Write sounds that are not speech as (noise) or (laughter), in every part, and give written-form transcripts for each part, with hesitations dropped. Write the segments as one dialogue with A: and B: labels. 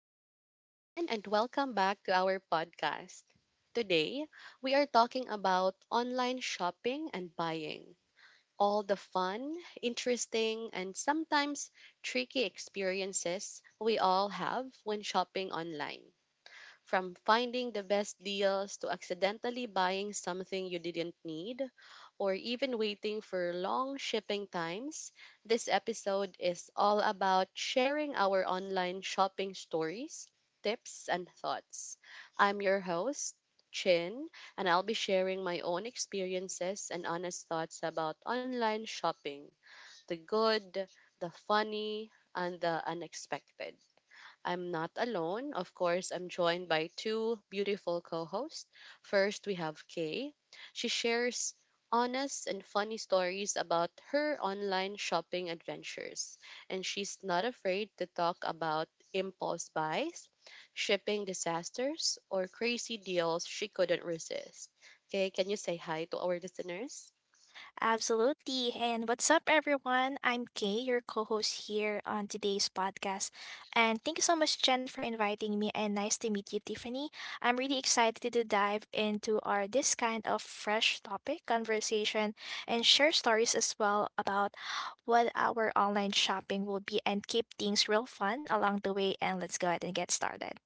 A: Hi, everyone, and welcome back to our podcast. Today, we are talking about online shopping and buying, all the fun, interesting, and sometimes tricky experiences we all have when shopping online. From finding the best deals to accidentally buying something you didn't need, or even waiting for long shipping times, this episode is all about sharing our online shopping stories, tips, and thoughts. I'm your host, Chin, and I'll be sharing my own experiences and honest thoughts about online shopping, the good, the funny, and the unexpected. I'm not alone. Of course, I'm joined by two beautiful co hosts. First, we have Kay. She shares honest and funny stories about her online shopping adventures, and she's not afraid to talk about impulse buys, shipping disasters, or crazy deals she couldn't resist. Kay, can you say hi to our listeners?
B: Absolutely. And what's up, everyone? I'm Kay, your co host here on today's podcast. And thank you so much, Jen, for inviting me. And nice to meet you, Tiffany. I'm really excited to dive into our this kind of fresh topic conversation and share stories as well about what our online shopping will be and keep things real fun along the way. And let's go ahead and get started.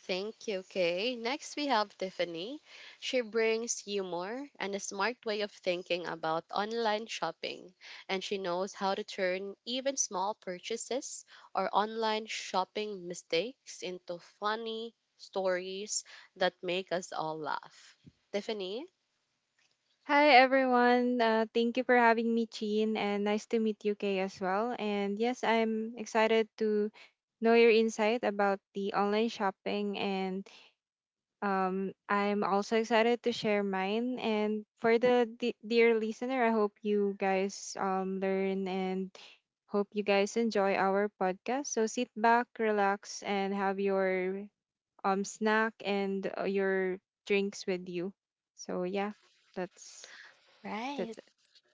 A: Thank you, Kay. Next, we have Tiffany. She brings humor and a smart way of thinking about online shopping, and she knows how to turn even small purchases or online shopping mistakes into funny stories that make us all laugh. Tiffany?
C: Hi everyone. Thank you for having me, Chin, and nice to meet you, Kay, as well. And yes, I'm excited to know your insight about the online shopping, and I'm also excited to share mine. And for the dear listener, I hope you guys learn and hope you guys enjoy our podcast. So sit back, relax, and have your snack and your drinks with you. So yeah, that's
B: Right.
C: that's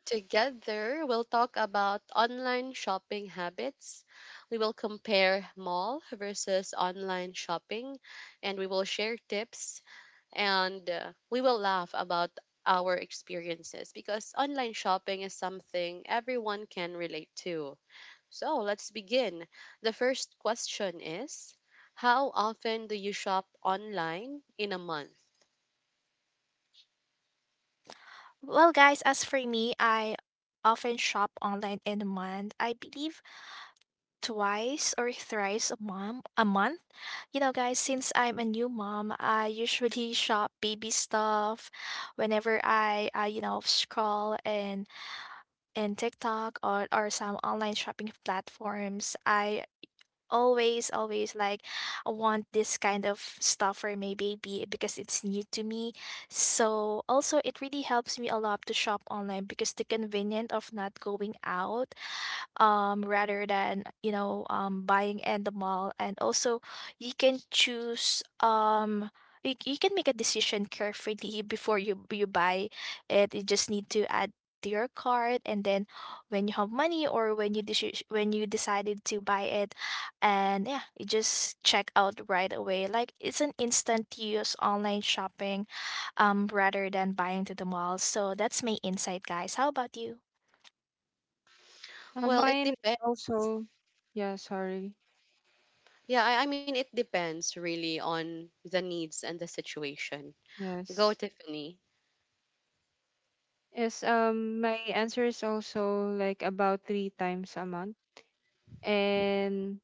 A: Together, we'll talk about online shopping habits. We will compare mall versus online shopping, and we will share tips and we will laugh about our experiences because online shopping is something everyone can relate to. So let's begin. The first question is: how often do you shop online in a month?
B: Well, guys, as for me, I often shop online in a month. I believe twice or thrice a mom a month. You know, guys, since I'm a new mom, I usually shop baby stuff whenever I scroll and TikTok or some online shopping platforms. I always like I want this kind of stuff for my baby because it's new to me, so also it really helps me a lot to shop online because the convenience of not going out, rather than buying in the mall. And also you can choose, you can make a decision carefully before you buy it. You just need to add to your cart, and then when you have money or when you decided to buy it, and yeah, you just check out right away. Like it's an instant use online shopping, rather than buying to the mall. So that's my insight, guys. How about you?
A: Well, it
C: Mine
A: depends.
C: also, yeah, sorry.
A: Yeah, I mean, it depends really on the needs and the situation. Go,
C: Yes.
A: Tiffany.
C: Yes, my answer is also like about three times a month. And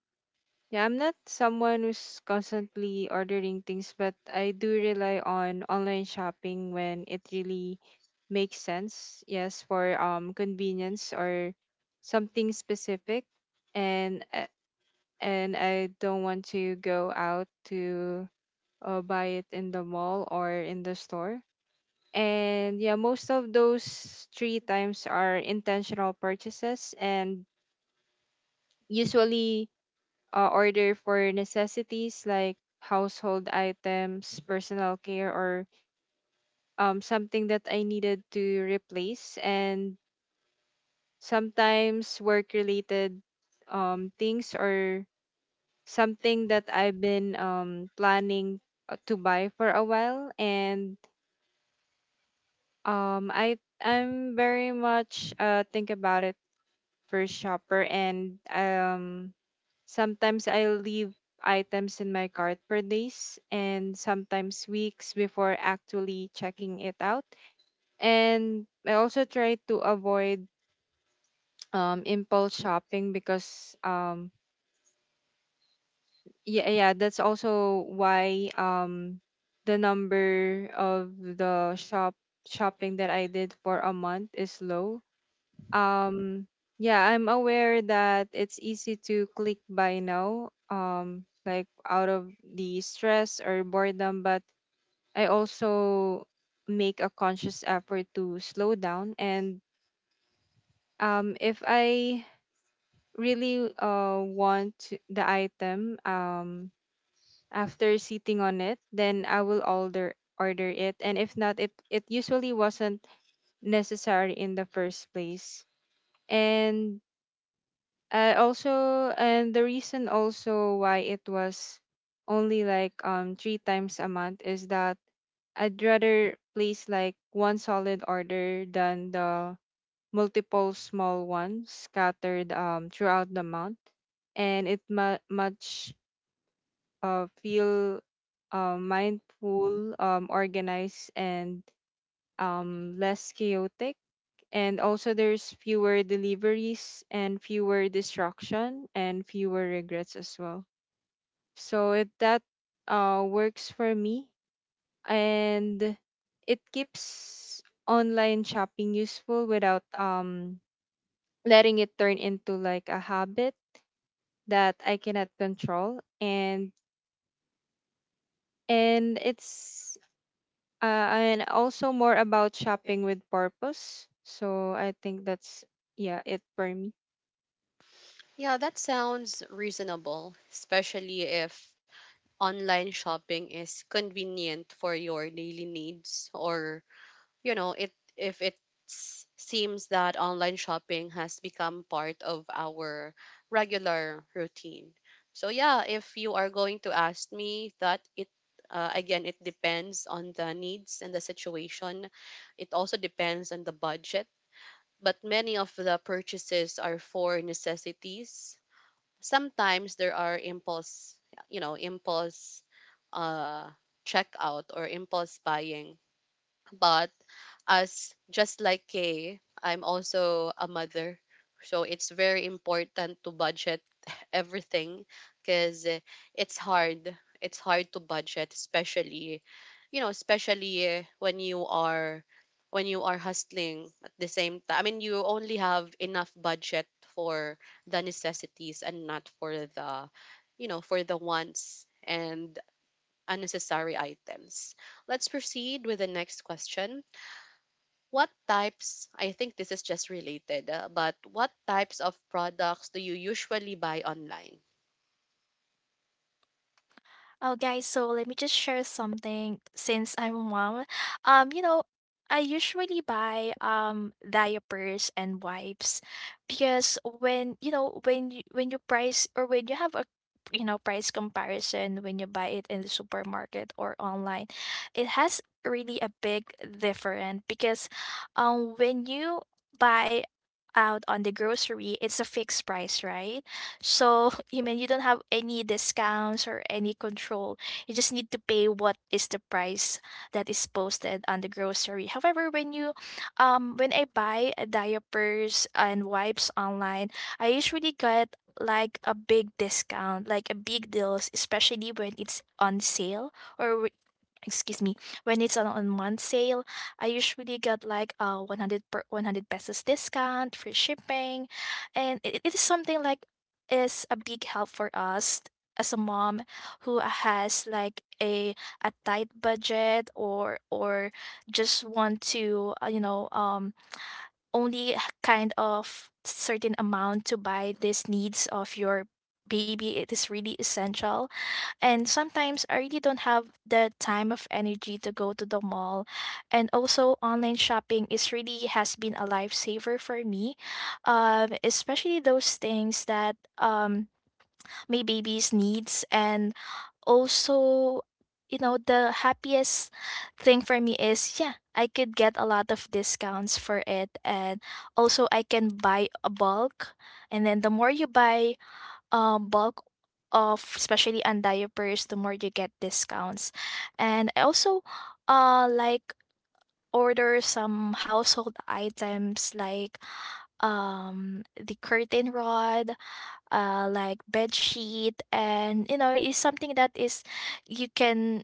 C: yeah, I'm not someone who's constantly ordering things, but I do rely on online shopping when it really makes sense. Yes, for convenience or something specific. And I don't want to go out to buy it in the mall or in the store. And yeah, most of those three times are intentional purchases and usually order for necessities like household items, personal care, or something that I needed to replace. And sometimes work related things or something that I've been planning to buy for a while. And um, I I'm very much think about it first shopper, and sometimes I leave items in my cart for days and sometimes weeks before actually checking it out. And I also try to avoid impulse shopping because yeah, that's also why the number of the shopping that I did for a month is low. um yeah, I'm aware that it's easy to click buy now, like out of the stress or boredom, but I also make a conscious effort to slow down. And if I really want the item, after sitting on it, then I will order it, and if not, it usually wasn't necessary in the first place. And also, and the reason also why it was only like three times a month is that I'd rather place like one solid order than the multiple small ones scattered throughout the month. And it mu- much feel mindful, organized, and less chaotic. And also there's fewer deliveries and fewer distraction and fewer regrets as well. So it that works for me. And it keeps online shopping useful without letting it turn into like a habit that I cannot control. And it's uh, and also more about shopping with purpose. So I think that's, yeah, it for me.
A: Yeah, that sounds reasonable, especially if online shopping is convenient for your daily needs, or you know, it, if it seems that online shopping has become part of our regular routine. So yeah, if you are going to ask me that, it, again, it depends on the needs and the situation. It also depends on the budget, but many of the purchases are for necessities. Sometimes there are impulse, you know, impulse, uh checkout or impulse buying. But as just like Kay, I'm also a mother. So it's very important to budget (laughs) everything, because it's hard. It's hard to budget, especially, you know, especially when you are, when you are hustling at the same time. I mean, you only have enough budget for the necessities and not for the, you know, for the wants and unnecessary items. Let's proceed with the next question. What types, I think this is just related, but what types of products do you usually buy online?
B: Oh, guys, so let me just share something since I'm a mom. You know, I usually buy diapers and wipes because when you price, or when you have a, you know, price comparison, when you buy it in the supermarket or online, it has really a big difference. Because when you buy out on the grocery, it's a fixed price, right? So (laughs) you mean you don't have any discounts or any control. You just need to pay what is the price that is posted on the grocery. However, when you, when I buy diapers and wipes online, I usually get like a big discount, like a big deals, especially when it's on sale, or excuse me, when it's on month sale, I usually get like a 100 per 100 pesos discount, free shipping. And it is something like is a big help for us as a mom who has like a tight budget, or just want to, only kind of certain amount to buy these needs of your baby. It is really essential. And sometimes I really don't have the time of energy to go to the mall. And also online shopping is really has been a lifesaver for me. Especially those things that my baby's needs. And also, you know, the happiest thing for me is, yeah, I could get a lot of discounts for it. And also I can buy a bulk, and then the more you buy bulk of, especially on diapers, the more you get discounts. And I also like order some household items, like the curtain rod, like bed sheet. And you know, it's something that is, you can,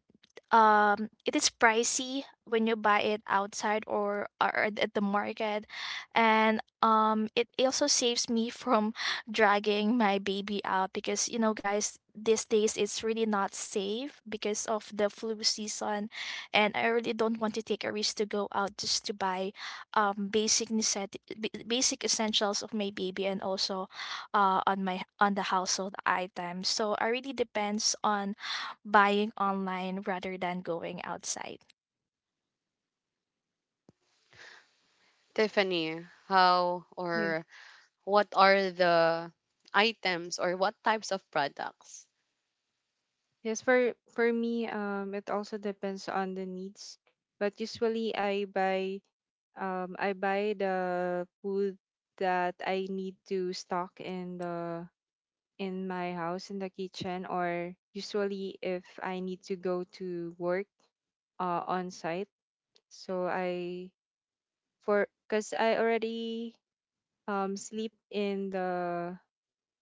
B: it is pricey when you buy it outside, or at the market. And it also saves me from (laughs) dragging my baby out, because you know, guys, these days it's really not safe because of the flu season. And I really don't want to take a risk to go out just to buy basic essentials of my baby, and also on the household items. So I really depends on buying online rather than going outside.
A: Tiffany, how or what are the items, or what types of products?
C: Yes, for me, it also depends on the needs. But usually, I buy I buy the food that I need to stock in the in my house, in the kitchen, or usually if I need to go to work on site. So I, for, because I already sleep in the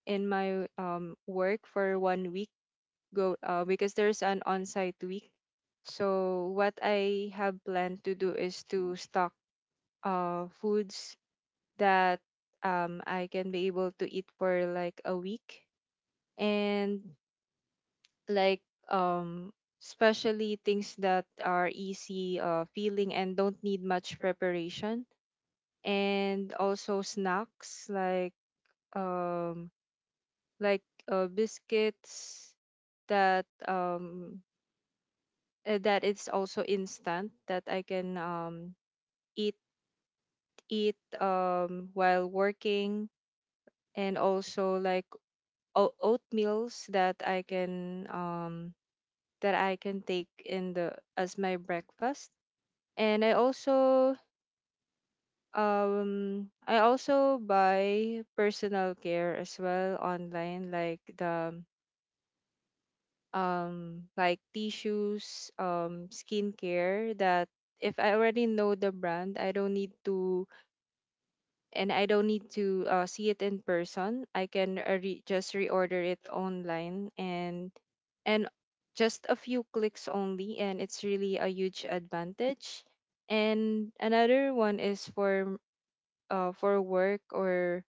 C: in my work for 1 week go because there's an on-site week. So what I have planned to do is to stock foods that I can be able to eat for like a week, and like um especially things that are easy feeling and don't need much preparation. And also snacks like um like biscuits, that um that it's also instant that I can eat eat while working. And also like oatmeals that I can take in the as my breakfast. And I also I also buy personal care as well online, like the like tissues, skincare, that if I already know the brand I don't need to, and I don't need to see it in person. I can just reorder it online, and just a few clicks only, and it's really a huge advantage. And another one is for work or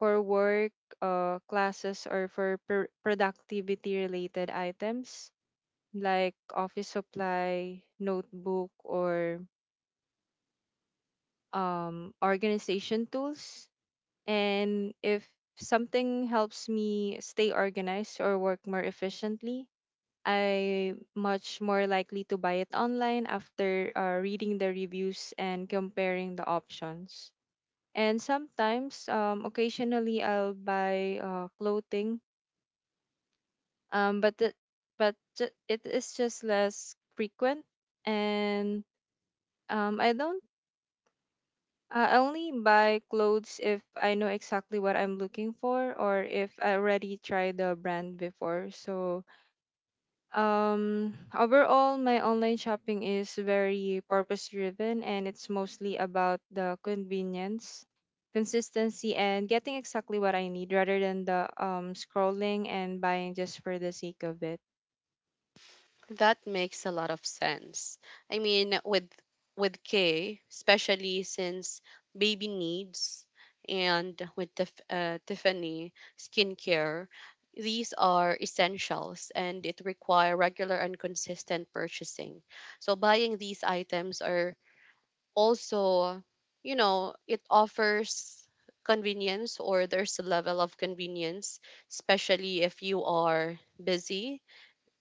C: for work classes, or for productivity related items like office supply, notebook, or organization tools. And if something helps me stay organized or work more efficiently, I much more likely to buy it online after reading the reviews and comparing the options. And sometimes, occasionally, I'll buy clothing, but it is just less frequent, and um, I don't I only buy clothes if I know exactly what I'm looking for, or if I already tried the brand before. So, overall, my online shopping is very purpose driven, and it's mostly about the convenience, consistency, and getting exactly what I need rather than the scrolling and buying just for the sake of it.
A: That makes a lot of sense. I mean, with K, especially since baby needs, and with Tiffany skincare, these are essentials and it require regular and consistent purchasing. So buying these items are also, you know, it offers convenience, or there's a level of convenience, especially if you are busy.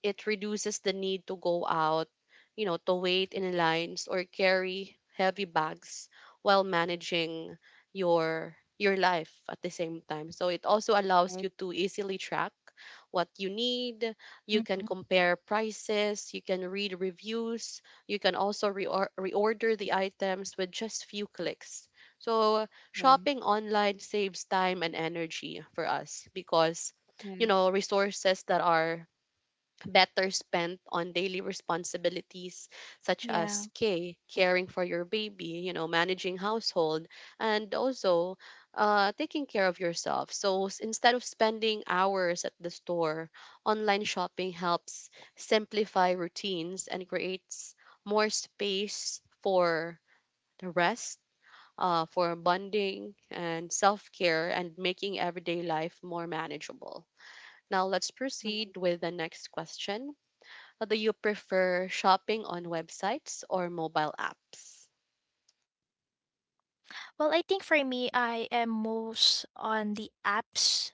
A: It reduces the need to go out, you know, to wait in lines or carry heavy bags while managing your life at the same time. So it also allows
C: Right.
A: you to easily track what you need. You can
B: Mhm.
A: compare prices, you can read reviews, you can also reorder the items with just few clicks. So
C: Yeah.
A: shopping online saves time and energy for us, because
C: Yeah.
A: you know, resources that are better spent on daily responsibilities such
B: Yeah.
A: as care, caring for your baby, you know, managing household, and also taking care of yourself. So instead of spending hours at the store, online shopping helps simplify routines and creates more space for the rest. For bonding and self care and making everyday life more manageable. Now, let's proceed with the next question: do you prefer shopping on websites or mobile apps?
B: Well, I think for me, I am most on the apps.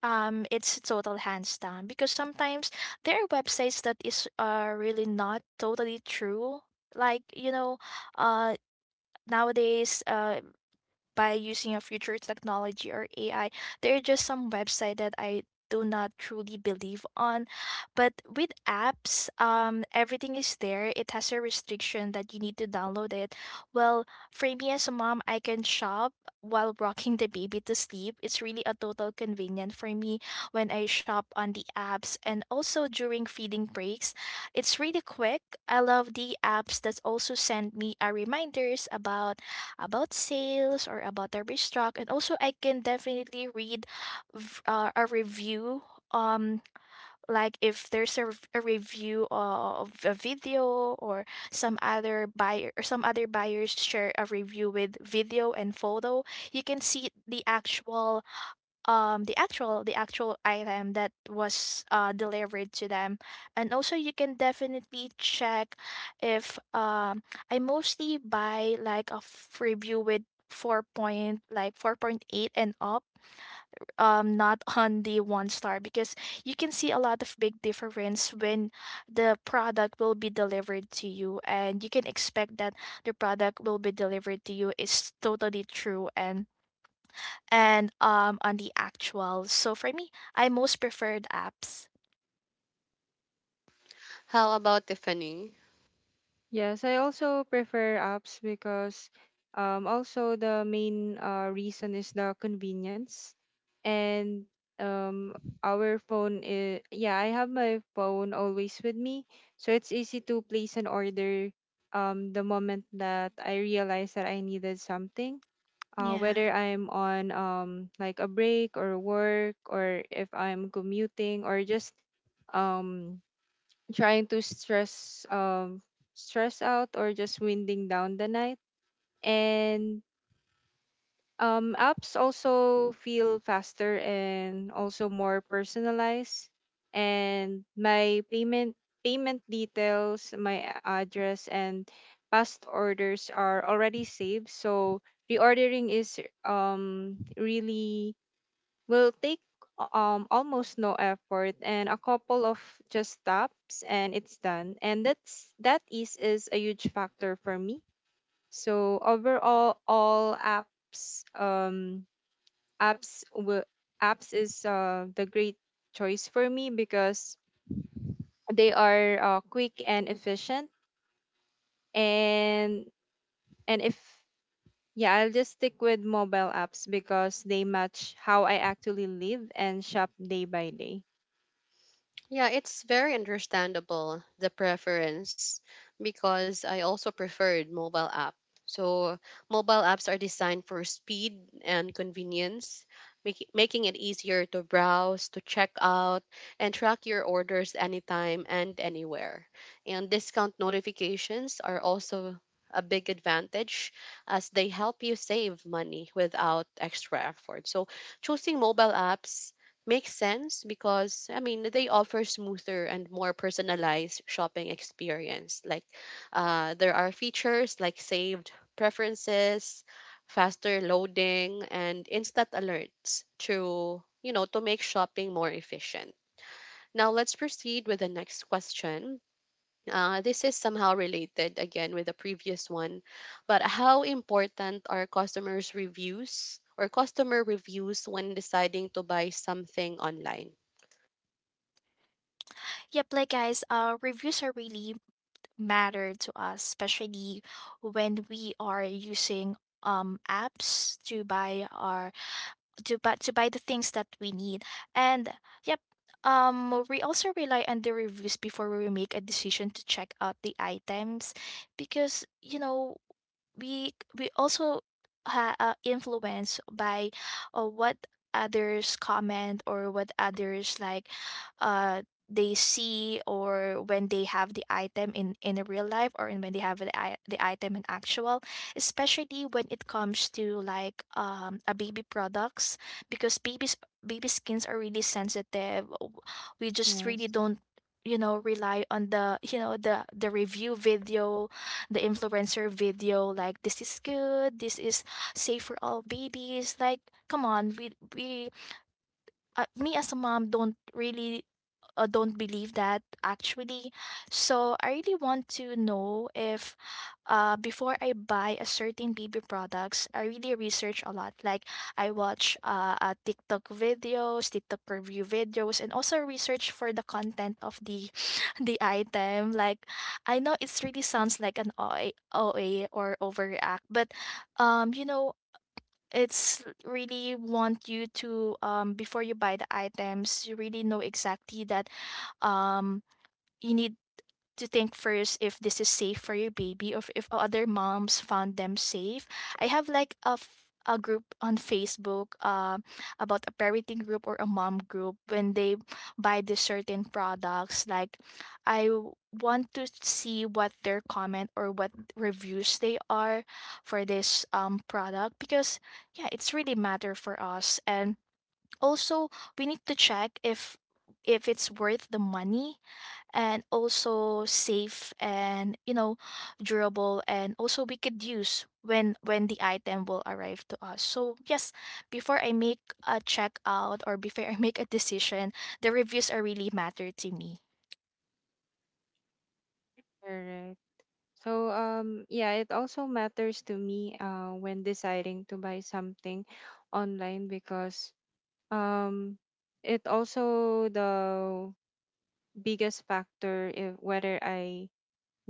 B: It's total hands down, because sometimes there are websites that is really not totally true. Like, you know, uh, nowadays, by using a future technology or AI, there are just some website that I do not truly believe on. But with apps, everything is there. It has a restriction that you need to download it. Well, for me as a mom, I can shop while rocking the baby to sleep. It's really a total convenient for me when I shop on the apps, and also during feeding breaks. It's really quick. I love the apps that also send me a reminders about sales or about the restock. And also I can definitely read, a review, um like if there's a, a review of a video, or some other buyer, or some other buyers share a review with video and photo, you can see the actual, the actual the actual item that was delivered to them. And also you can definitely check if, I mostly buy like a review with 4 point like 4.8 and up, not (laughs) on the one star. Because you can see a lot of big difference when the product will be delivered to you, and you can expect that the product will be delivered to you is totally true and on the actual. So for me, I most preferred apps.
A: How about Tiffany?
C: Yes, I also prefer apps because, also the main reason is the convenience. And um, our phone is, yeah, I have my phone always with me. So it's easy to place an order the moment that I realize that I needed something.
B: Yeah.
C: Whether I'm on like a break or work, or if I'm commuting, or just um trying to stress stress out, or just winding down the night. And apps also feel faster and also more personalized. And my payment details, my address, and past orders are already saved, so reordering is, really, will take almost no effort, and a couple of just taps and it's done. And that's, that is a huge factor for me. So overall, all apps, apps will apps is the great choice for me because they are quick and efficient. and and if, yeah, I'll just stick with mobile apps because they match how I actually live and shop day by day.
A: Yeah, it's very understandable the preference, because I also preferred mobile app. So mobile apps are designed for speed and convenience, making it easier to browse, to check out, and track your orders anytime and anywhere. And discount notifications are also a big advantage, as they help you save money without extra effort. So choosing mobile apps makes sense, because I mean, they offer smoother and more personalized shopping experience. Like there are features like saved preferences, faster loading, and instant alerts to, you know, to make shopping more efficient. Now let's proceed with the next question. This is somehow related again with the previous one, but how important are customers' reviews or customer reviews when deciding to buy something online?
B: Yep, like, guys, reviews are really matter to us, especially when we are using apps to buy our, to buy the things that we need. And yep, we also rely on the reviews before we make a decision to check out the items. Because, you know, we also, influenced by, what others comment, or what others like, uh they see, or when they have the item in a real life, or in when they have the, the item in actual. Especially when it comes to like a baby products, because babies baby skins are really sensitive. We just really
C: Yes.
B: don't, you know, rely on the, you know, the review video, the influencer video, like this is good, this is safe for all babies. Like, come on, we me as a mom don't really, don't believe that actually. So I really want to know if, before I buy a certain baby products, I really research a lot. Like I watch TikTok videos, TikTok review videos, and also research for the content of the (laughs) the item. Like I know it's really sounds like an OA or overact, but you know, it's really want you to, before you buy the items, you really know exactly that, um you need to think first if this is safe for your baby, or if other moms found them safe. I have like a, a group on Facebook about a parenting group or a mom group. When they buy these certain products, like, I want to see what their comment or what reviews they are for this product. Because yeah, it's really matter for us. And also we need to check if it's worth the money, and also safe, and you know, durable, and also we could use when the item will arrive to us. So yes, before I make a checkout, or before I (laughs) make a decision, the reviews are really matter to me.
C: Alright. So yeah, it also matters to me when deciding to buy something online, because um it also the biggest factor if whether I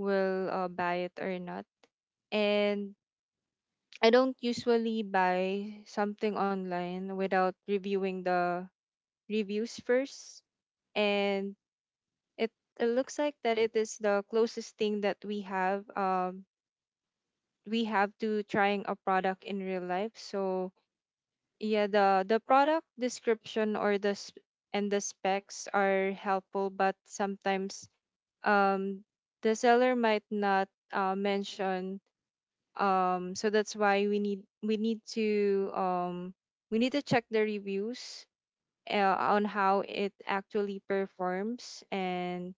C: will buy it or not. And I don't usually buy something online without reviewing the reviews first. And it, it looks like that it is the closest thing that we have we have to trying a product in real life. So yeah, the product description or the s- and the specs are helpful, but sometimes um the seller might not mention. So that's why we need to check the reviews on how it actually performs and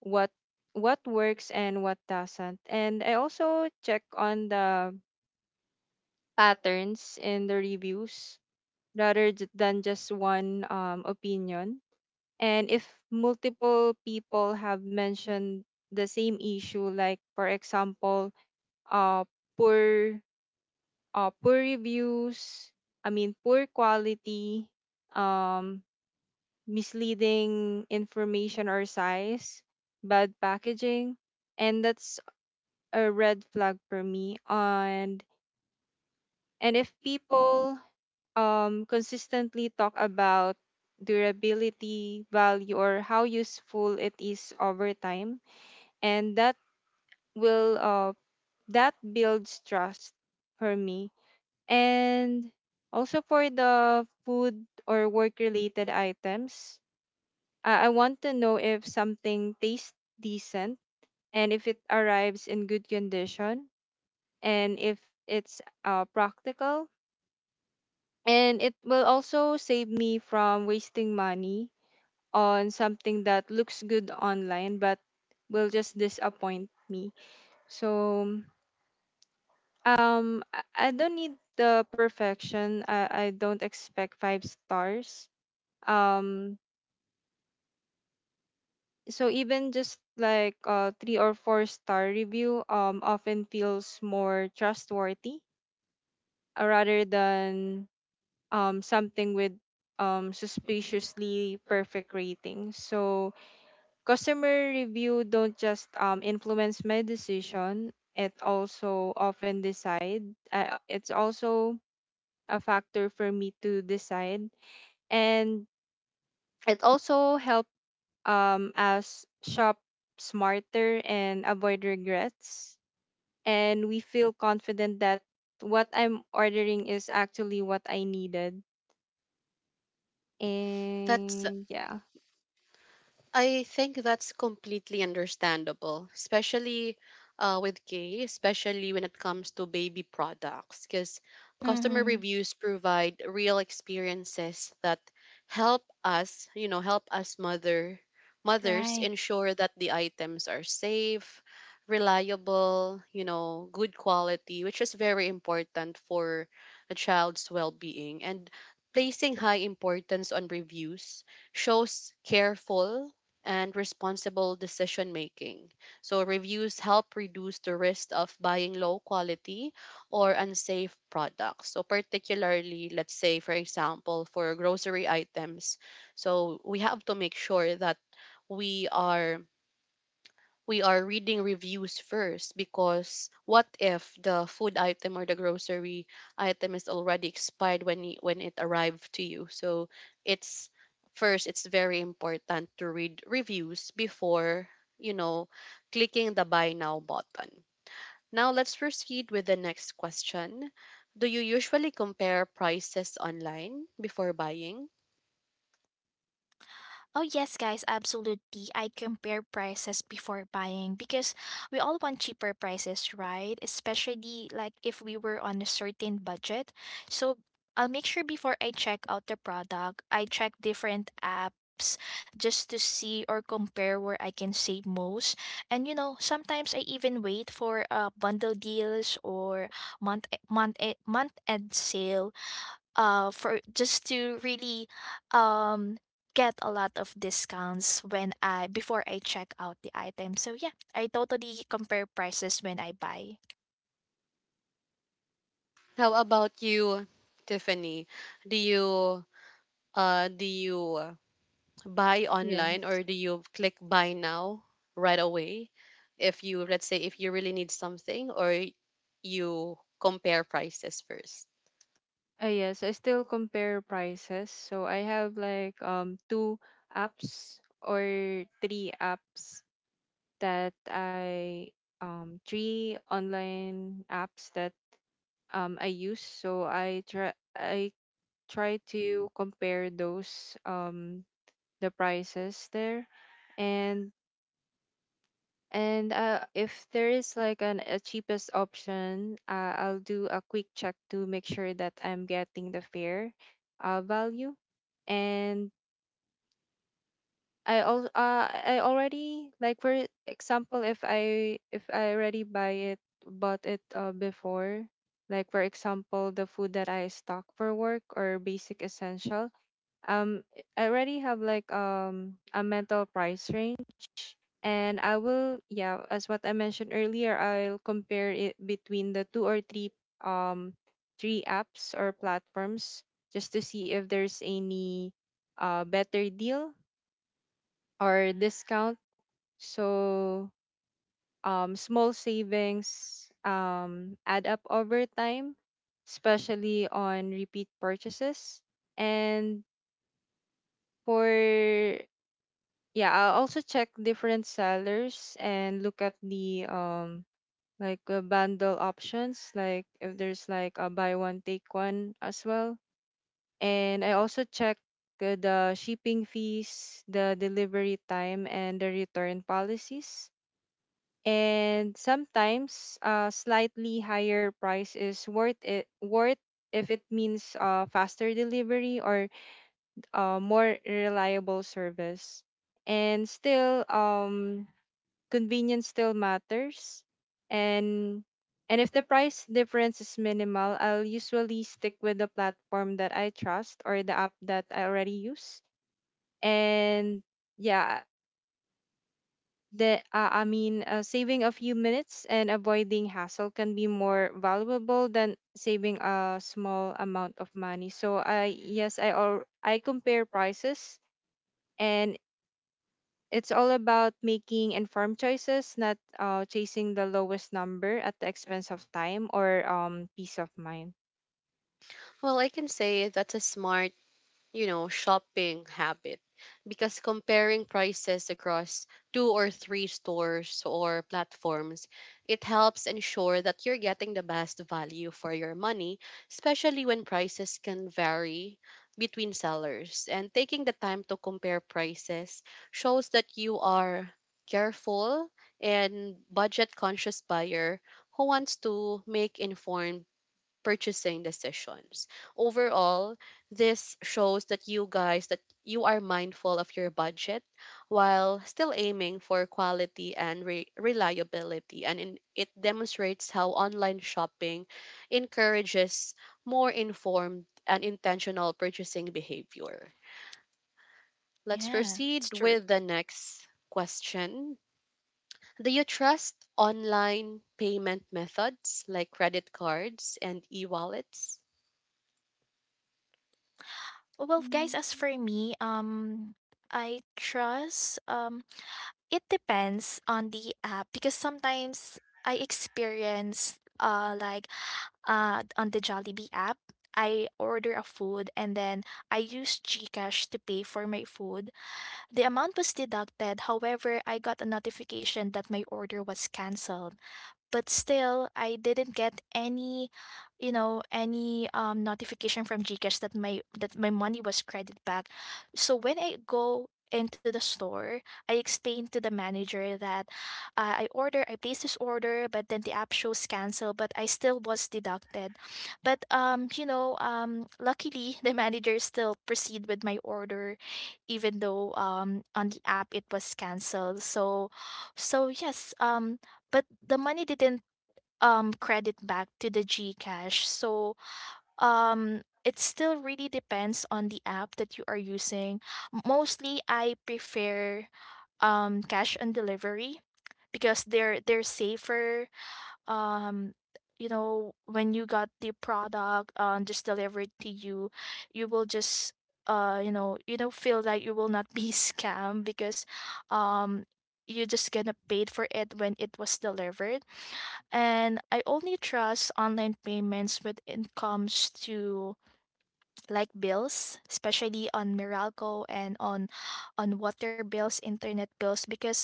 C: what what works and what doesn't. And I also check on the patterns in the reviews rather than just one opinion. And if multiple people have mentioned the same issue, like for example, uh, poor poor reviews, I mean poor quality, um, misleading information or size, bad packaging, and that's a red flag for me. And if people consistently talk about durability, value, or how useful it is over time, and that will, that builds trust for me. And also for the food or work related items, I want to know if something tastes decent, and if it arrives in good condition, and if it's practical. And it will also save me from wasting money on something that looks good online but will just disappoint me. So um I I don't need the perfection. I don't expect five stars. Um so even just like a three or four-star review often feels more trustworthy rather than something with suspiciously perfect rating. So customer review don't just influence my decision. It also often decide. It's also a factor for me to decide, and it also help us shop smarter and avoid regrets. And we feel confident that what I'm ordering is actually what I needed.
A: That's,
C: And yeah.
A: I think that's completely understandable, especially with K, especially when it comes to baby products, because customer
B: Mm-hmm.
A: reviews provide real experiences that help us, you know, help us mothers
B: Right.
A: ensure that the items are safe, reliable, you know, good quality, which is very important for a child's well-being. And placing high importance on reviews shows careful and responsible decision making. So, reviews help reduce the risk of buying low quality or unsafe products. So, particularly, let's say, for example, for grocery items. So, we have to make sure that we are we are reading reviews first, because what if the food item or the grocery item is already expired when when it arrived to you? So it's first, it's very important to read reviews before, you know, clicking the buy now button. Now let's proceed with the next question: do you usually compare prices online before buying?
B: Oh, yes, guys, absolutely. I compare prices before buying because we all want cheaper prices, right? Especially like if we were on a certain budget. So I'll make sure before I check out the product, I check different apps just to see or compare where I can save most. And you know, sometimes I even wait for bundle deals or month end sale, for just to really um get a lot of discounts when I, before I check out the item. So yeah, I totally compare prices when I buy.
A: How about you, Tiffany? Do you uh do you buy online,
C: Yes.
A: or do you click buy now right away if you, let's say, if you really need something, or you compare prices first?
C: Yes, I still compare prices. So I have like two apps, or three apps, that I three online apps that I use. So I try to compare those, the prices there. And And if there is like an a cheapest option, I'll do a quick check to make sure that I'm getting the fair value. And I already, like for example, if I already buy it bought it before, like for example, the food that I stock for work or basic essential, um, I already have like a mental price range. And I will, yeah, as what I mentioned earlier, I'll compare it between the two or three um apps or platforms, just to see if there's any better deal or discount. So small savings add up over time, especially on repeat purchases. And for yeah, I'll also check different sellers and look at the bundle options, like if there's like a buy one take one as well. And I also check the shipping fees, the delivery time, and the return policies. And sometimes slightly higher price is worth it worth if it means faster delivery or more reliable service. And still, convenience still matters. And and if the price difference is minimal, I'll usually stick with the platform that I trust or the app that I already use. And yeah, the I mean saving a few minutes and avoiding hassle can be more valuable than saving a small amount of money. So I yes I or I compare prices. And it's all about making informed choices, not chasing the lowest number at the expense of time or peace of mind.
A: Well, I can say that's a smart, you know, shopping habit, because comparing prices across two or three stores or platforms, it helps ensure that you're getting the best value for your money, especially when prices can vary between sellers. And taking the time to compare prices shows that you are careful and budget conscious buyer who wants to make informed purchasing decisions. Overall, this shows that you guys, that you are mindful of your budget while still aiming for quality and reliability, and in, it demonstrates how online shopping encourages more informed and intentional purchasing behavior. Let's
B: Yeah,
A: proceed
B: it's true.
A: with the next question. Do you trust online payment methods like credit cards and e wallets?
B: Well, guys, as for me, I trust, it depends on the app. Because sometimes I experience like, on the Jollibee app, I order a food, and then I use GCash to pay for my food. The amount was deducted, however, I got a notification that my order was cancelled, but still I didn't get any, you know, any notification from GCash that my money was credited back. So when I go into the store, I explained to the manager that, I placed this order, but then the app shows cancel, but I still was deducted. But you know, luckily (laughs) the manager still proceed with my order, even though on the app it was cancelled. So, so yes, but the money didn't credit back to the GCash. So it still really depends on the app that you are using. Mostly I prefer cash on delivery because they're safer. Um you know when you got the product just delivered to you, you will just you don't feel like you will not be (laughs) scammed because um you just gonna paid for it when it was delivered. And I only trust online payments when it comes to like bills, especially on Meralco and on water bills, internet bills, because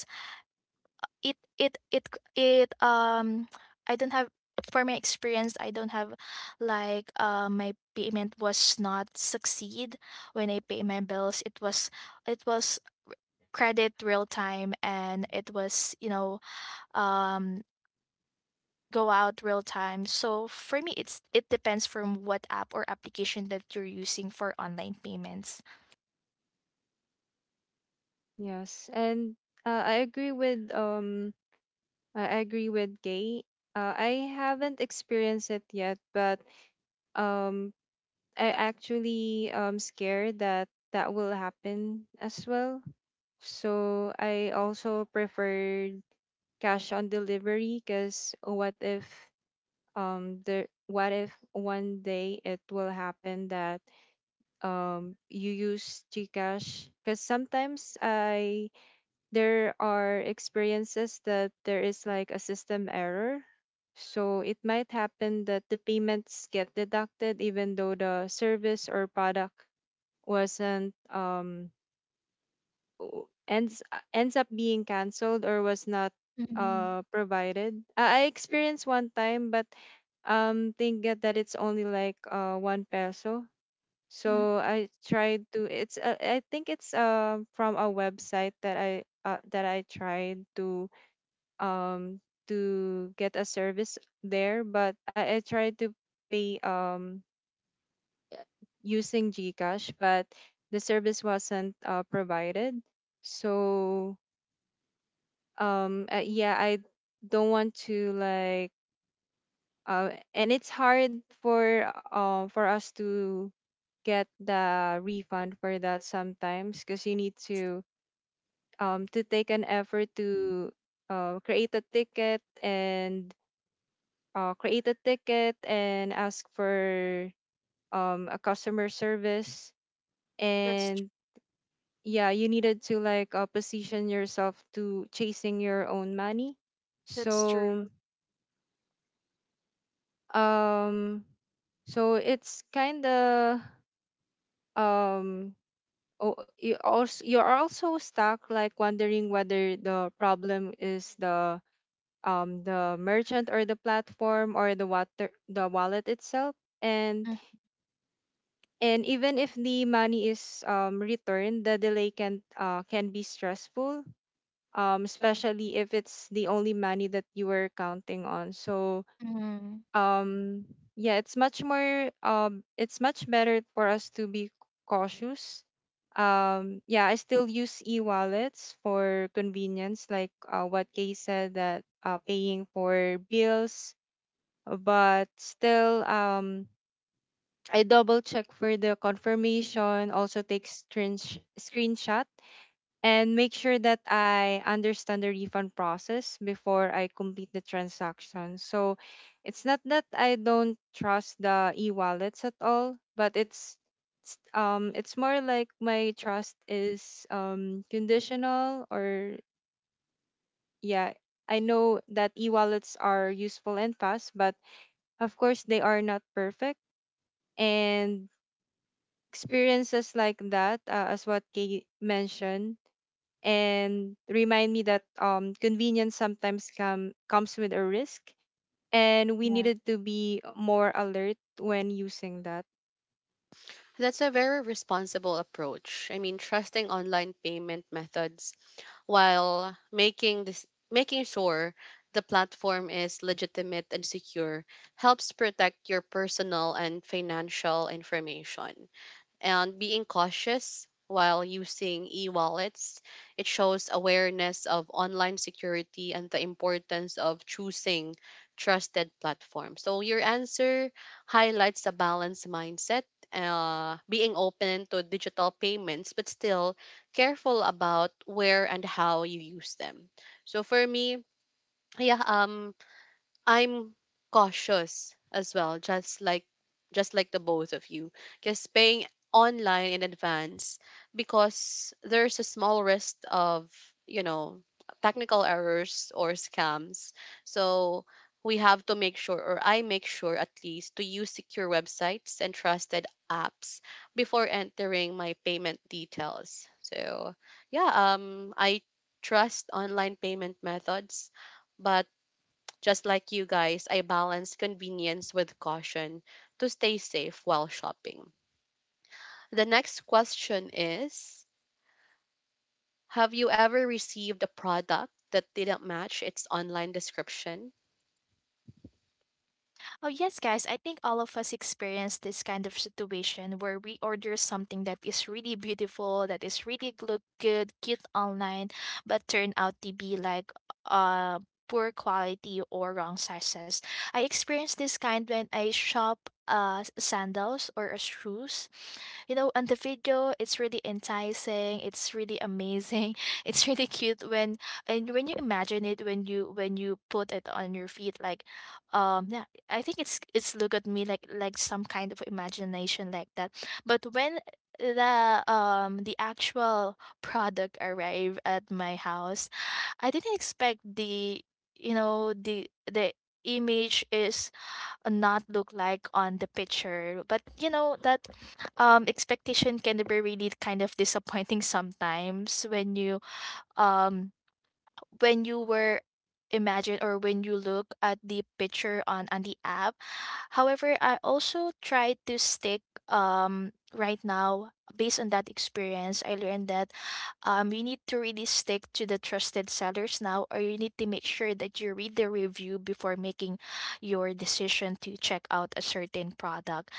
B: it it it it I don't have, for my experience I don't have like my payment was not succeed when I pay my bills. It was, it was credit real time and it was um go out real time. So for me, it's it depends from what app or application that you're using for online payments.
C: Yes, and uh, I agree with um I agree with Gay. I haven't experienced it yet, but um I actually scared that that will happen as well. So I also preferred cash on delivery, because what if there what if one day it will happen that you use Gcash? Because sometimes I there are experiences that there is like a system error, so it might happen that the payments get deducted even though the service or product wasn't o- ends ends up being canceled or was not
B: Mm-hmm.
C: provided. I experienced one time, but think that that it's only like one peso. So I tried to, it's I think it's from a website that I tried um to get a service there, but I tried to pay using Gcash, but the service wasn't provided. So yeah, I don't want to like and it's hard for us to get the refund for that sometimes, because you need to take an effort to create a ticket and create a ticket and ask for a customer service.
B: That's tr-
C: And yeah, you needed to like, position yourself to chasing your own money.
B: that's
C: So
B: true.
C: um so it's kind of, um oh, you also, you are also stuck like wondering whether the problem is the merchant or the platform or the water the wallet itself. And and even if the money is returned, the delay can be stressful, especially if it's the only money that you were counting on. So
B: Mm-hmm.
C: um yeah, it's much better for us to be cautious. Yeah, I still use e-wallets for convenience, like what Kay said, that paying for bills. But still, I double check for the confirmation, also take screenshot, and make sure that I understand the refund process before I complete the transaction. So it's not that I don't trust the e-wallets at all, but it's more like my trust is conditional. Or yeah, I know that e-wallets are useful and fast, but of course they are not perfect, and experiences like that, as what Kay mentioned, and remind me that, convenience sometimes comes with a risk, and we needed to be more alert when using that.
A: That's a very responsible approach. I mean, trusting online payment methods while making sure the platform is legitimate and secure helps protect your personal and financial information, and being cautious while using e-wallets. It shows awareness of online security and the importance of choosing trusted platforms. So your answer highlights a balanced mindset, being open to digital payments, but still careful about where and how you use them. So for me, yeah, I'm cautious as well, just like the both of you. Just paying online in advance because there's a small risk of, you know, technical errors or scams. So we have to make sure, or I make sure at least to use secure websites and trusted apps before entering my payment details. So yeah, um, I trust online payment methods, but just like you guys, I balance convenience with caution to stay safe while shopping. The next question is: have you ever received a product that didn't match its online description?
B: Oh, yes, guys. I think all of us experience this kind of situation where we order something that is really beautiful, that is really look good, cute online, but turn out to be like uh poor quality or wrong sizes. I experienced this kind when I shop sandals or shoes. You know, on the video it's really enticing, it's really amazing (laughs) it's really cute when, and when you imagine it, when you put it on your feet, like yeah, I think it's look at me like some kind of imagination like that. But when the actual product arrived at my house, I didn't expect the, you know, the image is not look like on the picture. But you know that expectation can be really kind of disappointing sometimes um when you were imagine or when you look at the picture on the app. However, I also try to stick, right now based on that experience I learned that you need to really stick to the trusted sellers now, or you need to make sure that you read the review before making your decision to check out a certain product.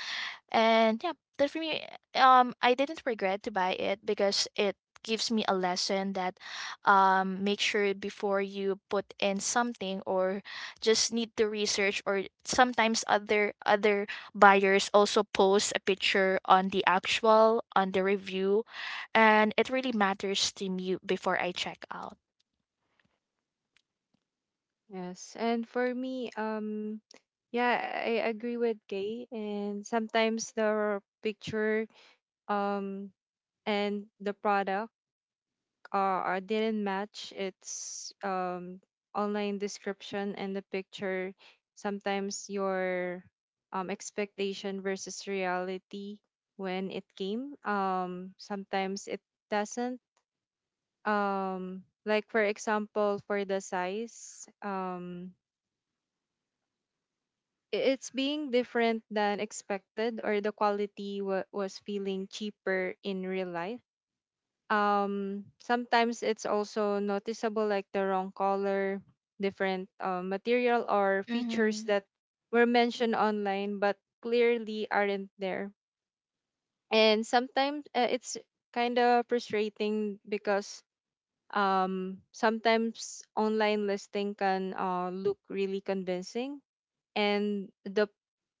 B: And yeah, that for me, I didn't regret to buy it because it gives me a lesson that, make sure before you put in something, or just need to research. Or sometimes other buyers also post a picture on the actual on the review, and it really matters to me before I check out.
C: Yes, and for me, yeah, I agree with Kay. And sometimes the picture um and the product, I didn't match its online description and the picture. Sometimes your expectation versus reality when it came. Sometimes it doesn't. Like for example, for the size, it's being different than expected, or the quality was feeling cheaper in real life. Sometimes it's also noticeable, like the wrong color, different material, or features
B: Mm-hmm.
C: that were mentioned online but clearly aren't there. And sometimes it's kind of frustrating because sometimes online listing can look really convincing. And the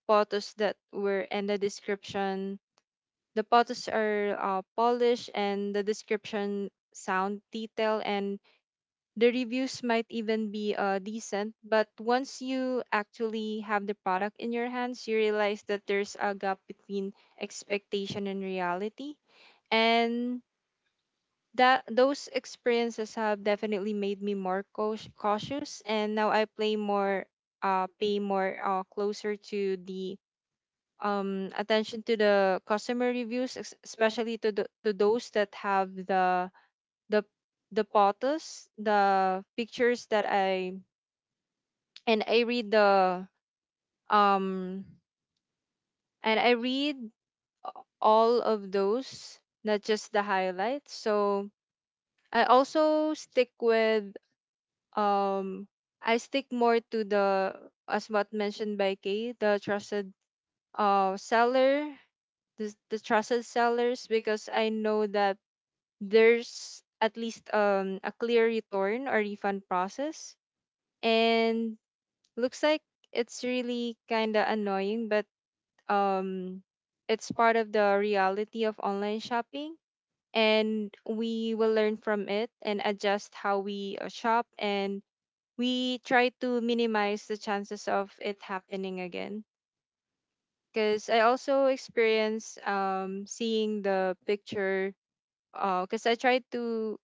C: photos that were in the description, the pots are polished, and the description sound detailed, and the reviews might even be decent. But once you actually have the product in your hands, you realize that there's a gap between expectation and reality. And that those experiences have definitely made me more cautious, and now I play more pay more closer to the, attention to the customer reviews, especially to to those that have the the photos, the pictures that I, and I read the um and I read a- all of those, not just the highlights. So I also stick with, um I stick more to the, as what mentioned by Kay, the trusted seller, the trusted sellers, because I know that there's at least a clear return or refund process. And looks like it's really kind of annoying, but um, it's part of the reality of online shopping. And we will learn from it and adjust how we shop. And we try to minimize the chances of it happening again. Because I also experience, seeing the picture. Because I tried to,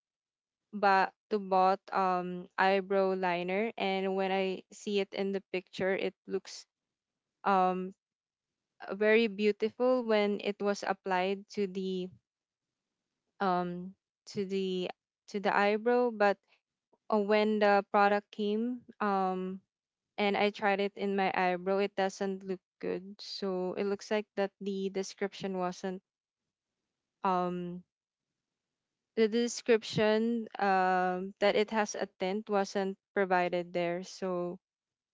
C: but to bought eyebrow liner, and when I see it in the picture, it looks um very beautiful when it was applied to the um to the to the eyebrow. But when the product came, and I tried it in my eyebrow, it doesn't look good. So it looks like that the description wasn't, um the description that it has a tint, wasn't provided there. So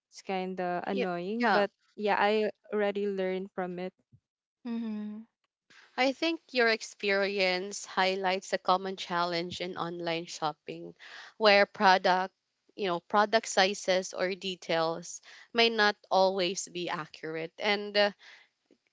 C: it's kind of
A: Yeah,
C: annoying,
A: yeah.
C: but yeah, I already learned from it.
B: Mm-hmm.
A: I think your experience highlights a common challenge in online shopping where product, you know, product sizes or details may not always be accurate, and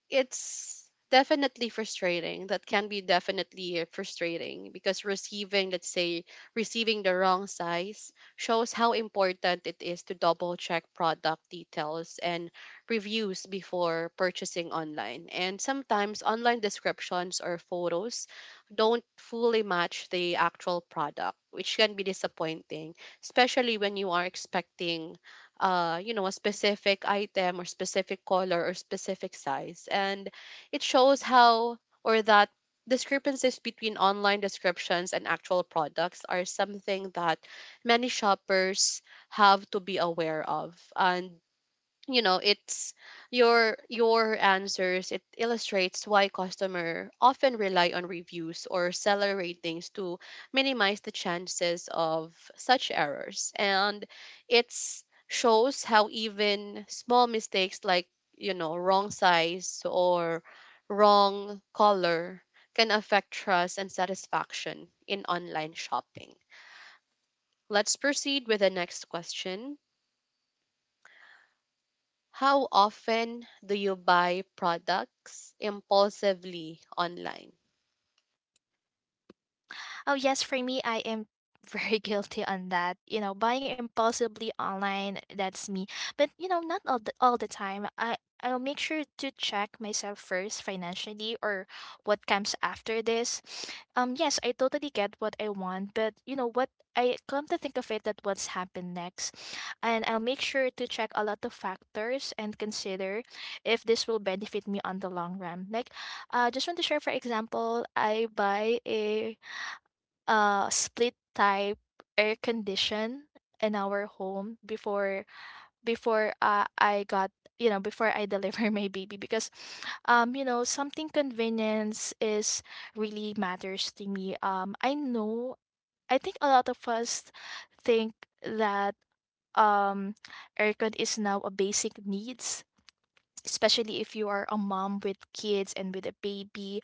A: it's definitely frustrating. That can be definitely frustrating, because receiving, let's say, receiving the wrong size shows how important it is to double check product details and reviews before purchasing online. And sometimes online descriptions or photos don't fully match the actual product, which can be disappointing, especially when you are expecting you know, a specific item or specific color or specific size. And it shows how, or that discrepancies between online descriptions and actual products are something that many shoppers have to be aware of. And you know, it's your answers, it illustrates why customer often rely on reviews or seller ratings to minimize the chances of such errors. And it shows how even small mistakes, like you know, wrong size or wrong color, can affect trust and satisfaction in online shopping. Let's proceed with the next question. How often do you buy products impulsively online?
B: Oh, yes, for me, I am very (laughs) guilty on that. You know, buying impulsively online, that's me. But, you know, not all the, all the time. I'll make sure to check myself first financially or what comes after this. Yes, I totally get what I want, but you know what, I come to think of it that what's happened next. And I'll make sure to check a lot of factors and consider if this will benefit me on the long run. Like just want to share, for example, I buy a split type air condition in our home before, I got, you know, before I deliver (laughs) my baby, because you know something convenience is really matters to me. I know, I think a lot of us think that um aircon is now a basic needs, especially if you are a mom with kids and with a baby.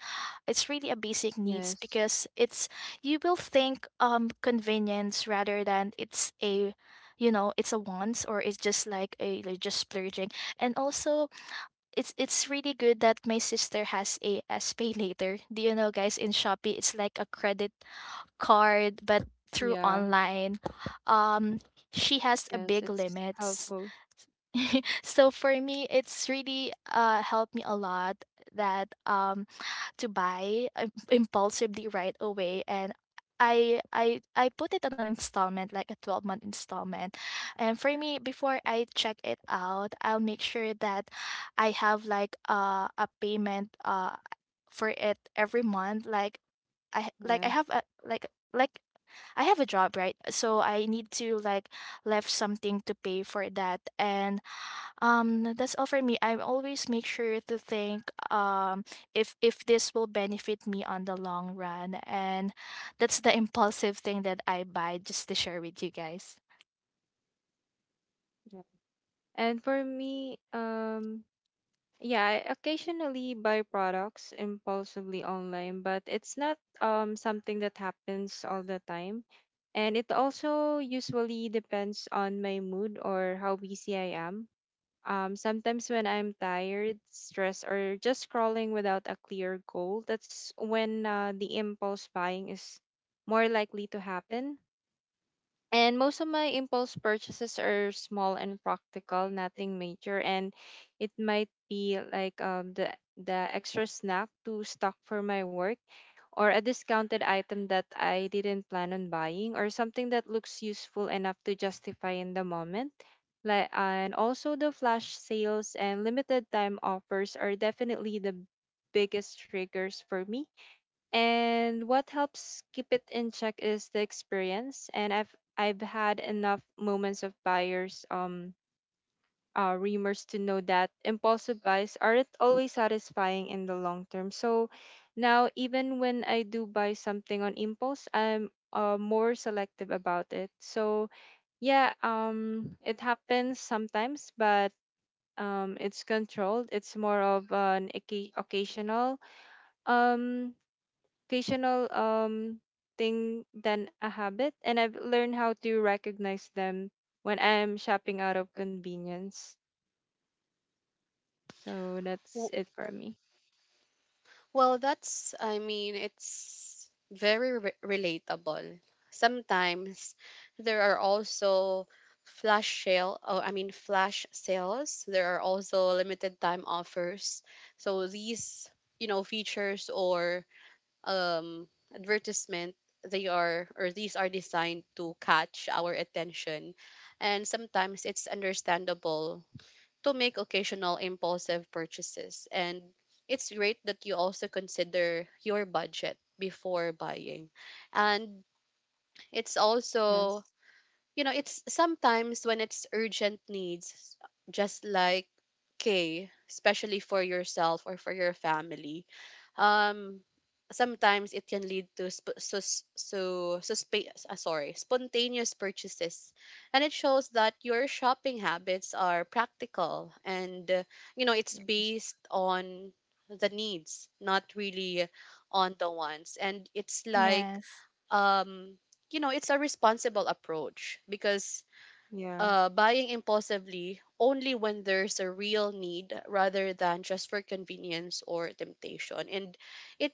B: It's really a basic needs
C: Yes.
B: because it's, you will think convenience rather than it's a, you know, it's a wants, or it's just like a like just splurging. And also, it's really good that my sister has a s pay later, do you know guys in Shopee, it's like a credit card but through
C: Yeah.
B: online. um she has a
C: Yes,
B: big
C: it's
B: limits
C: helpful.
B: (laughs) so for me, it's really helped me a lot that, to impulsively right away. And I put it on an installment like a 12-month installment. And for me before I check it out, I'll make sure that I have like a payment for it every month, like I
C: Yeah.
B: have a like I have a job, right? So I need to like left something to pay for that. And that's all for me. I always make sure to think if this will benefit me on the long run, and that's the impulsive thing that I buy just to share with you guys.
C: Yeah. And for me, yeah, I occasionally buy products impulsively online, but it's not something that happens all the time. And it also usually depends on my mood or how busy I am. Sometimes when I'm tired, stressed, or just scrolling without a clear goal, that's when the impulse buying is more likely to happen. And most of my impulse purchases are small and practical, nothing major. And it might be like, the extra snack to stock for my work, or a discounted item that I didn't plan on buying, or something that looks useful enough to justify in the moment. Like, and also the flash sales and limited time offers are definitely the biggest triggers for me. And what helps keep it in check is the experience. And I've had enough moments of buyers rumors to know that impulsive buys aren't always satisfying in the long term. So now, even when I do buy something on impulse, I'm more selective about it. So yeah, um, it happens sometimes, but um, it's controlled. It's more of an um occasional thing than a habit, and I've learned how to recognize them when I'm shopping out of convenience. So that's
A: W-
C: it for me.
A: Well, that's, I mean, it's very relatable. Sometimes there are also flash sale, oh, I mean, flash sales. There are also limited time offers. So these, you know, features or um, advertisement, they are, or these are designed to catch our attention, and sometimes it's understandable to make occasional impulsive purchases. And it's great that you also consider your budget before buying, and it's also
C: Yes.
A: it's sometimes when it's urgent needs, just like okay, especially for yourself or for your family um sometimes it can lead to sp- sus- so suspe- sorry spontaneous purchases. And it shows that your shopping habits are practical and it's based on the needs, not really on the wants. And it's like
B: Yes.
A: um it's a responsible approach because
C: Yeah.
A: buying impulsively only when there's a real need rather than just for convenience or temptation. And it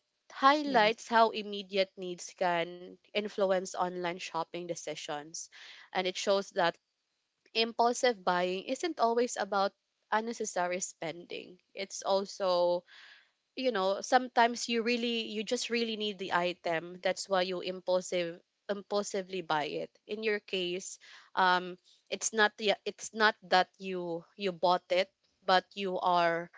C: Yes.
A: highlights how immediate needs can influence online shopping decisions. And it shows that impulsive buying isn't always about unnecessary spending. It's also, sometimes you really, you just really need the item, that's why you impulsively buy it. In your case, um it's not the it's not that you bought it, but you are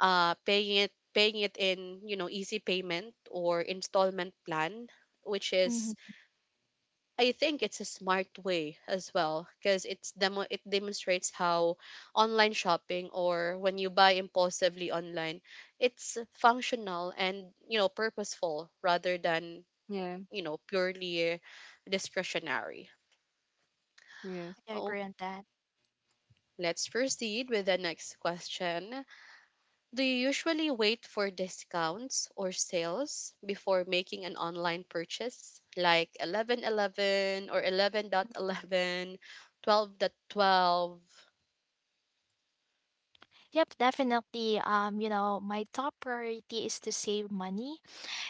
A: paying it in, easy payment or installment plan, which
B: Hmm.
A: is, I think, it's a smart way as well, because it's it demonstrates how online shopping, or when you buy impulsively online, it's functional and, purposeful rather than,
C: Yeah.
A: purely discretionary.
C: Yes.
B: I
A: Oh,
B: agree on that.
A: let's proceed with the next question. Do you usually wait for discounts or sales before making an online purchase like 1111 or 11.11, 12.12?
B: Yep, definitely. You know, my top priority is to save money,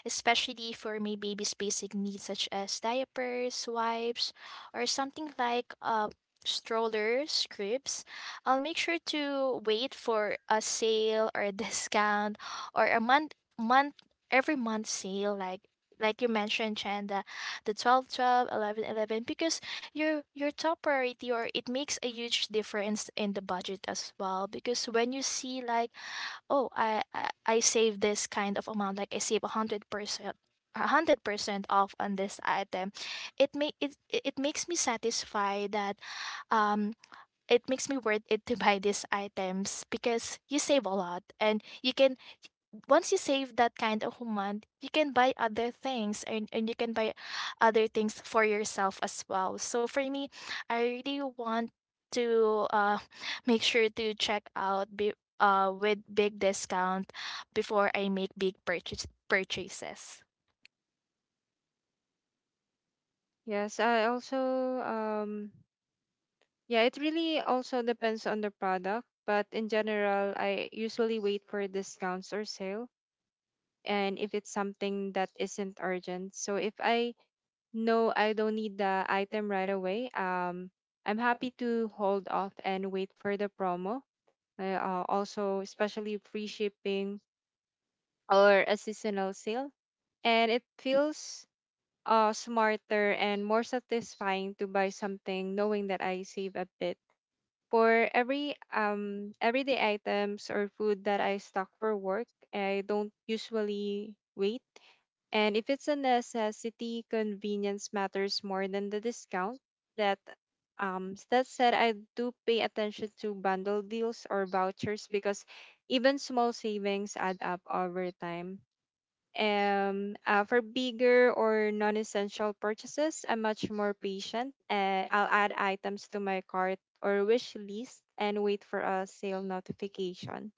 B: especially for my baby's basic needs such as diapers, wipes, or something like strollers, cribs. I'll make sure to wait for a sale or a (laughs) discount, or a month month every month sale, like you mentioned Chen, the 12 12, 11 11, because your top priority, or it makes a huge difference in the budget as well. Because when you see like, oh I save this kind of amount, like I save 100%, a 100% off on this item, it make, it makes me satisfied that, um it makes me worth it to buy these items because you save a lot. And you can, once you save that kind of amount, you can buy other things, and you can buy other things for yourself as well. So for me, I really want to (laughs) make sure to check out with big discount before I make purchases.
C: Yes. I also, um yeah, it really also depends on the product, but in general, I usually wait for discounts or sale. And if it's something that isn't urgent, so if I no, I don't need the item right away, um, I'm happy to hold off and wait for the promo. Also, especially free shipping or a seasonal sale. And it feels smarter and more satisfying to buy something knowing that I save a bit. For every everyday items or food that I stock for work, I don't usually wait. And if it's a necessity, convenience matters more than the discount. That that said, I do pay attention to bundle deals or vouchers, because even small savings add up over time. For bigger or non-essential purchases, I'm much more patient. I'll add items to my cart or wish list and wait for a sale notification.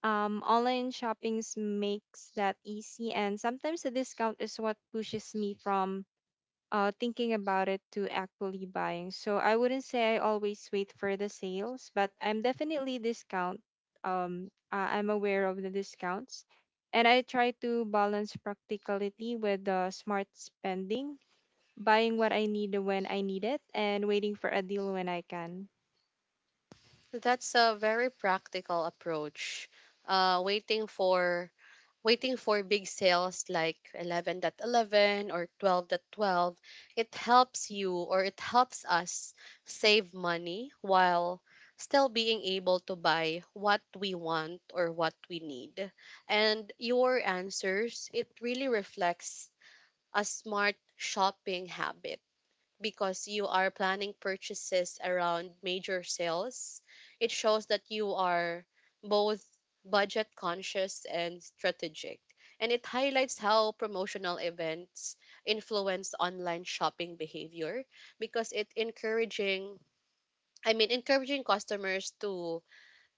C: Online shoppings makes that easy, and sometimes a discount is what pushes me from thinking about it to actually buying. So I wouldn't say I always wait for the sales, but I'm definitely discount. I'm aware of the discounts, and I try to balance practicality with the smart spending, buying what I need when I need it, and waiting for a deal when I can.
A: That's a very practical approach. Uh, waiting for waiting for big sales like 11.11 or 12.12, it helps you, or it helps us, save money while still being able to buy what we want or what we need. And your answers, it really reflects a smart shopping habit because you are planning purchases around major sales. It shows that you are both budget conscious and strategic. And it highlights how promotional events influence online shopping behavior because it encouraging I mean encouraging customers to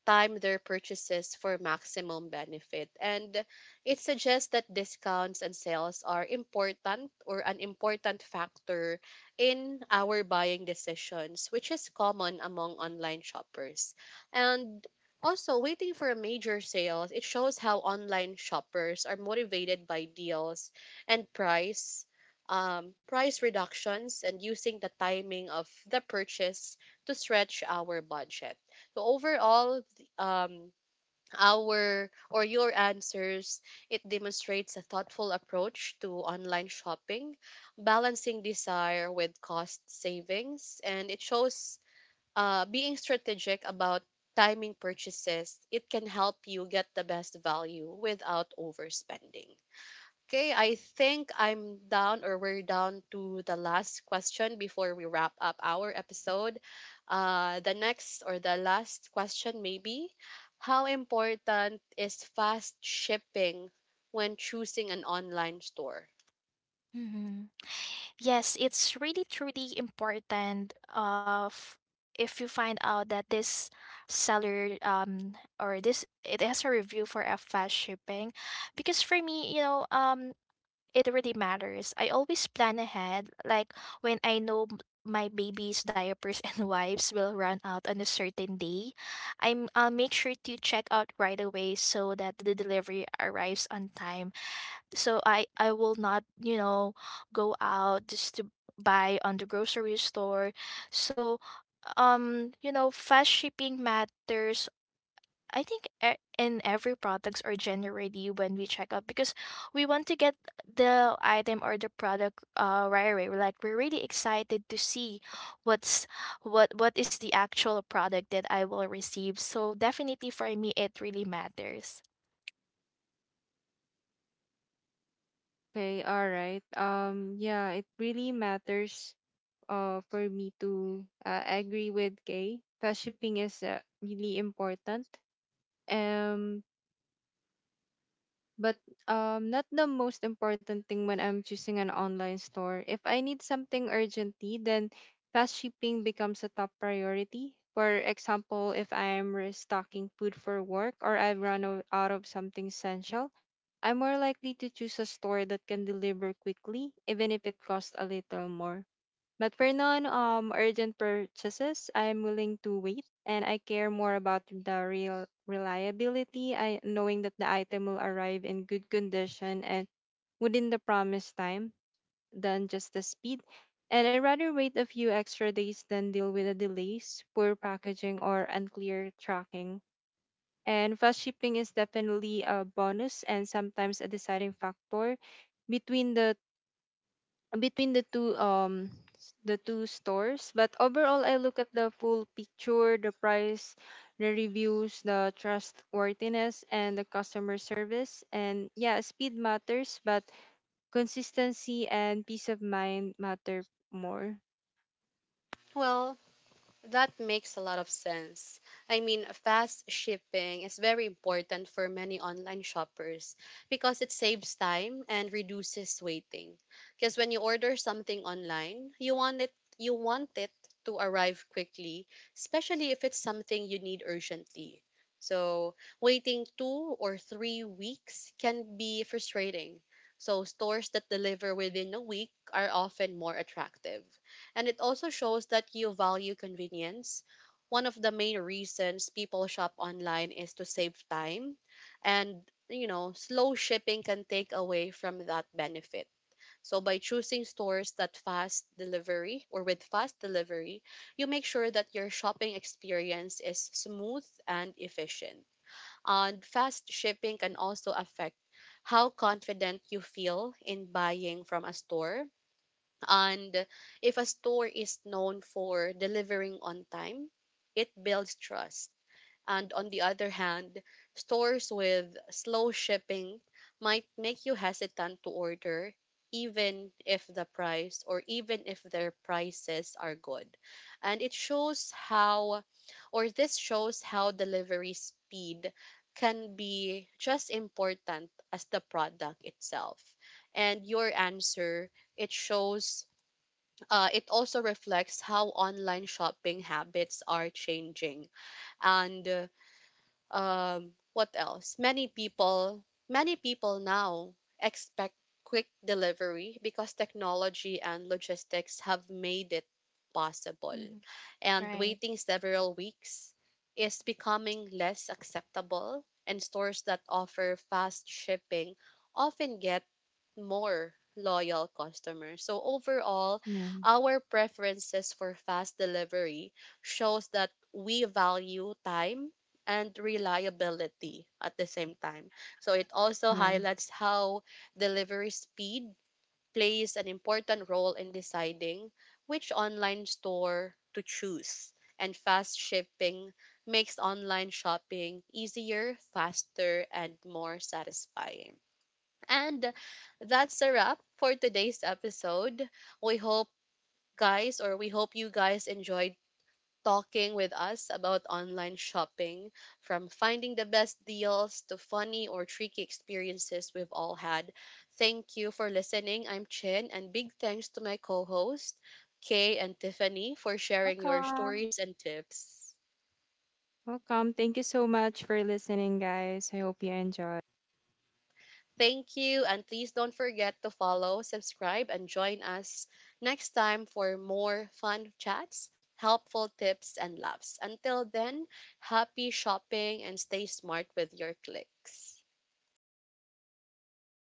A: time their purchases for maximum benefit. And it suggests that discounts and sales are important, or an important factor in our buying decisions, which is common among online shoppers. And also, waiting for major sales, it shows how online shoppers are motivated by deals and price, price reductions, and using the timing of the purchase to stretch our budget. So overall, um our or your answers, it demonstrates a thoughtful approach to online shopping, balancing desire with cost savings. And it shows being strategic about timing purchases, it can help you get the best value without overspending. Okay, I think I'm down, or we're down to the last question before we wrap up our episode. The next, or the last question, maybe. How important is fast shipping when choosing an online store?
B: Mm-hmm. Yes, it's really truly important of, if you find out that this seller or this, it has a review for F fast shipping. Because for me, you know, it really matters. I always plan ahead, like when I know my baby's diapers (laughs) and wipes will run out on a certain day, I'll make sure to check out right away so that the delivery arrives on time, so i will not, you know, go out just to buy on the grocery store. So you know, fast shipping matters, I think, in every products or generally when we check out. Because we want to get the item or the product right away. We're like, we're really excited to see what's, what is the actual product that I will receive. So definitely for me, it really matters.
C: Okay, all right. Yeah, it really matters, for me to agree with Kay. Fast shipping is really important. Um, but not the most important thing when I'm choosing an online store. If I need something urgently, then fast shipping becomes a top priority. For example, if I'm restocking food for work or I've run out of something essential, I'm more likely to choose a store that can deliver quickly, even if it costs a little more. But for non urgent purchases, I'm willing to wait, and I care more about the real reliability, I knowing that the item will arrive in good condition and within the promised time than just the speed. And I'd rather wait a few extra days than deal with the delays, poor packaging, or unclear tracking. And fast shipping is definitely a bonus, and sometimes a deciding factor between the two the two stores. But overall, I look at the full picture: the price, the reviews, the trustworthiness, and the customer service. And yeah, speed matters, but consistency and peace of mind matter more.
A: Well, that makes a lot of sense. I mean, fast shipping is very important for many online shoppers because it saves time and reduces waiting. Because when you order something online, you want it to arrive quickly, especially if it's something you need urgently. So, waiting 2 or 3 weeks can be frustrating. So, stores that deliver within a week are often more attractive. And it also shows that you value convenience. One of the main reasons people shop online is to save time. And, you know, slow shipping can take away from that benefit. So by choosing stores that fast delivery, or with fast delivery, you make sure that your shopping experience is smooth and efficient. And fast shipping can also affect how confident you feel in buying from a store. And if a store is known for delivering on time, it builds trust. And on the other hand, stores with slow shipping might make you hesitant to order, even if the price, or even if their prices are good. And it shows how, or this shows how delivery speed can be just important as the product itself. And your answer, it shows it also reflects how online shopping habits are changing. And what else many people now expect quick delivery because technology and logistics have made it possible.
B: Hmm.
A: And
B: Right.
A: waiting several weeks is becoming less acceptable, and stores that offer fast shipping often get more loyal customers. So overall,
C: Yeah.
A: our preferences for fast delivery shows that we value time and reliability at the same time. So it also
C: Yeah.
A: highlights how delivery speed plays an important role in deciding which online store to choose. And fast shipping makes online shopping easier, faster, and more satisfying. And that's a wrap for today's episode. We hope, guys, or we hope you guys enjoyed talking with us about online shopping, from finding the best deals to funny or tricky experiences we've all had. Thank you for listening. I'm Chin, and big thanks to my co host, Kay and Tiffany, for sharing your
B: Welcome.
A: stories and tips.
C: Welcome. Thank you so much for listening, guys. I hope you enjoy.
A: Thank you, and please don't forget to follow, subscribe, and join us next time for more fun chats, helpful tips, and laughs. Until then, happy shopping and stay smart with your clicks.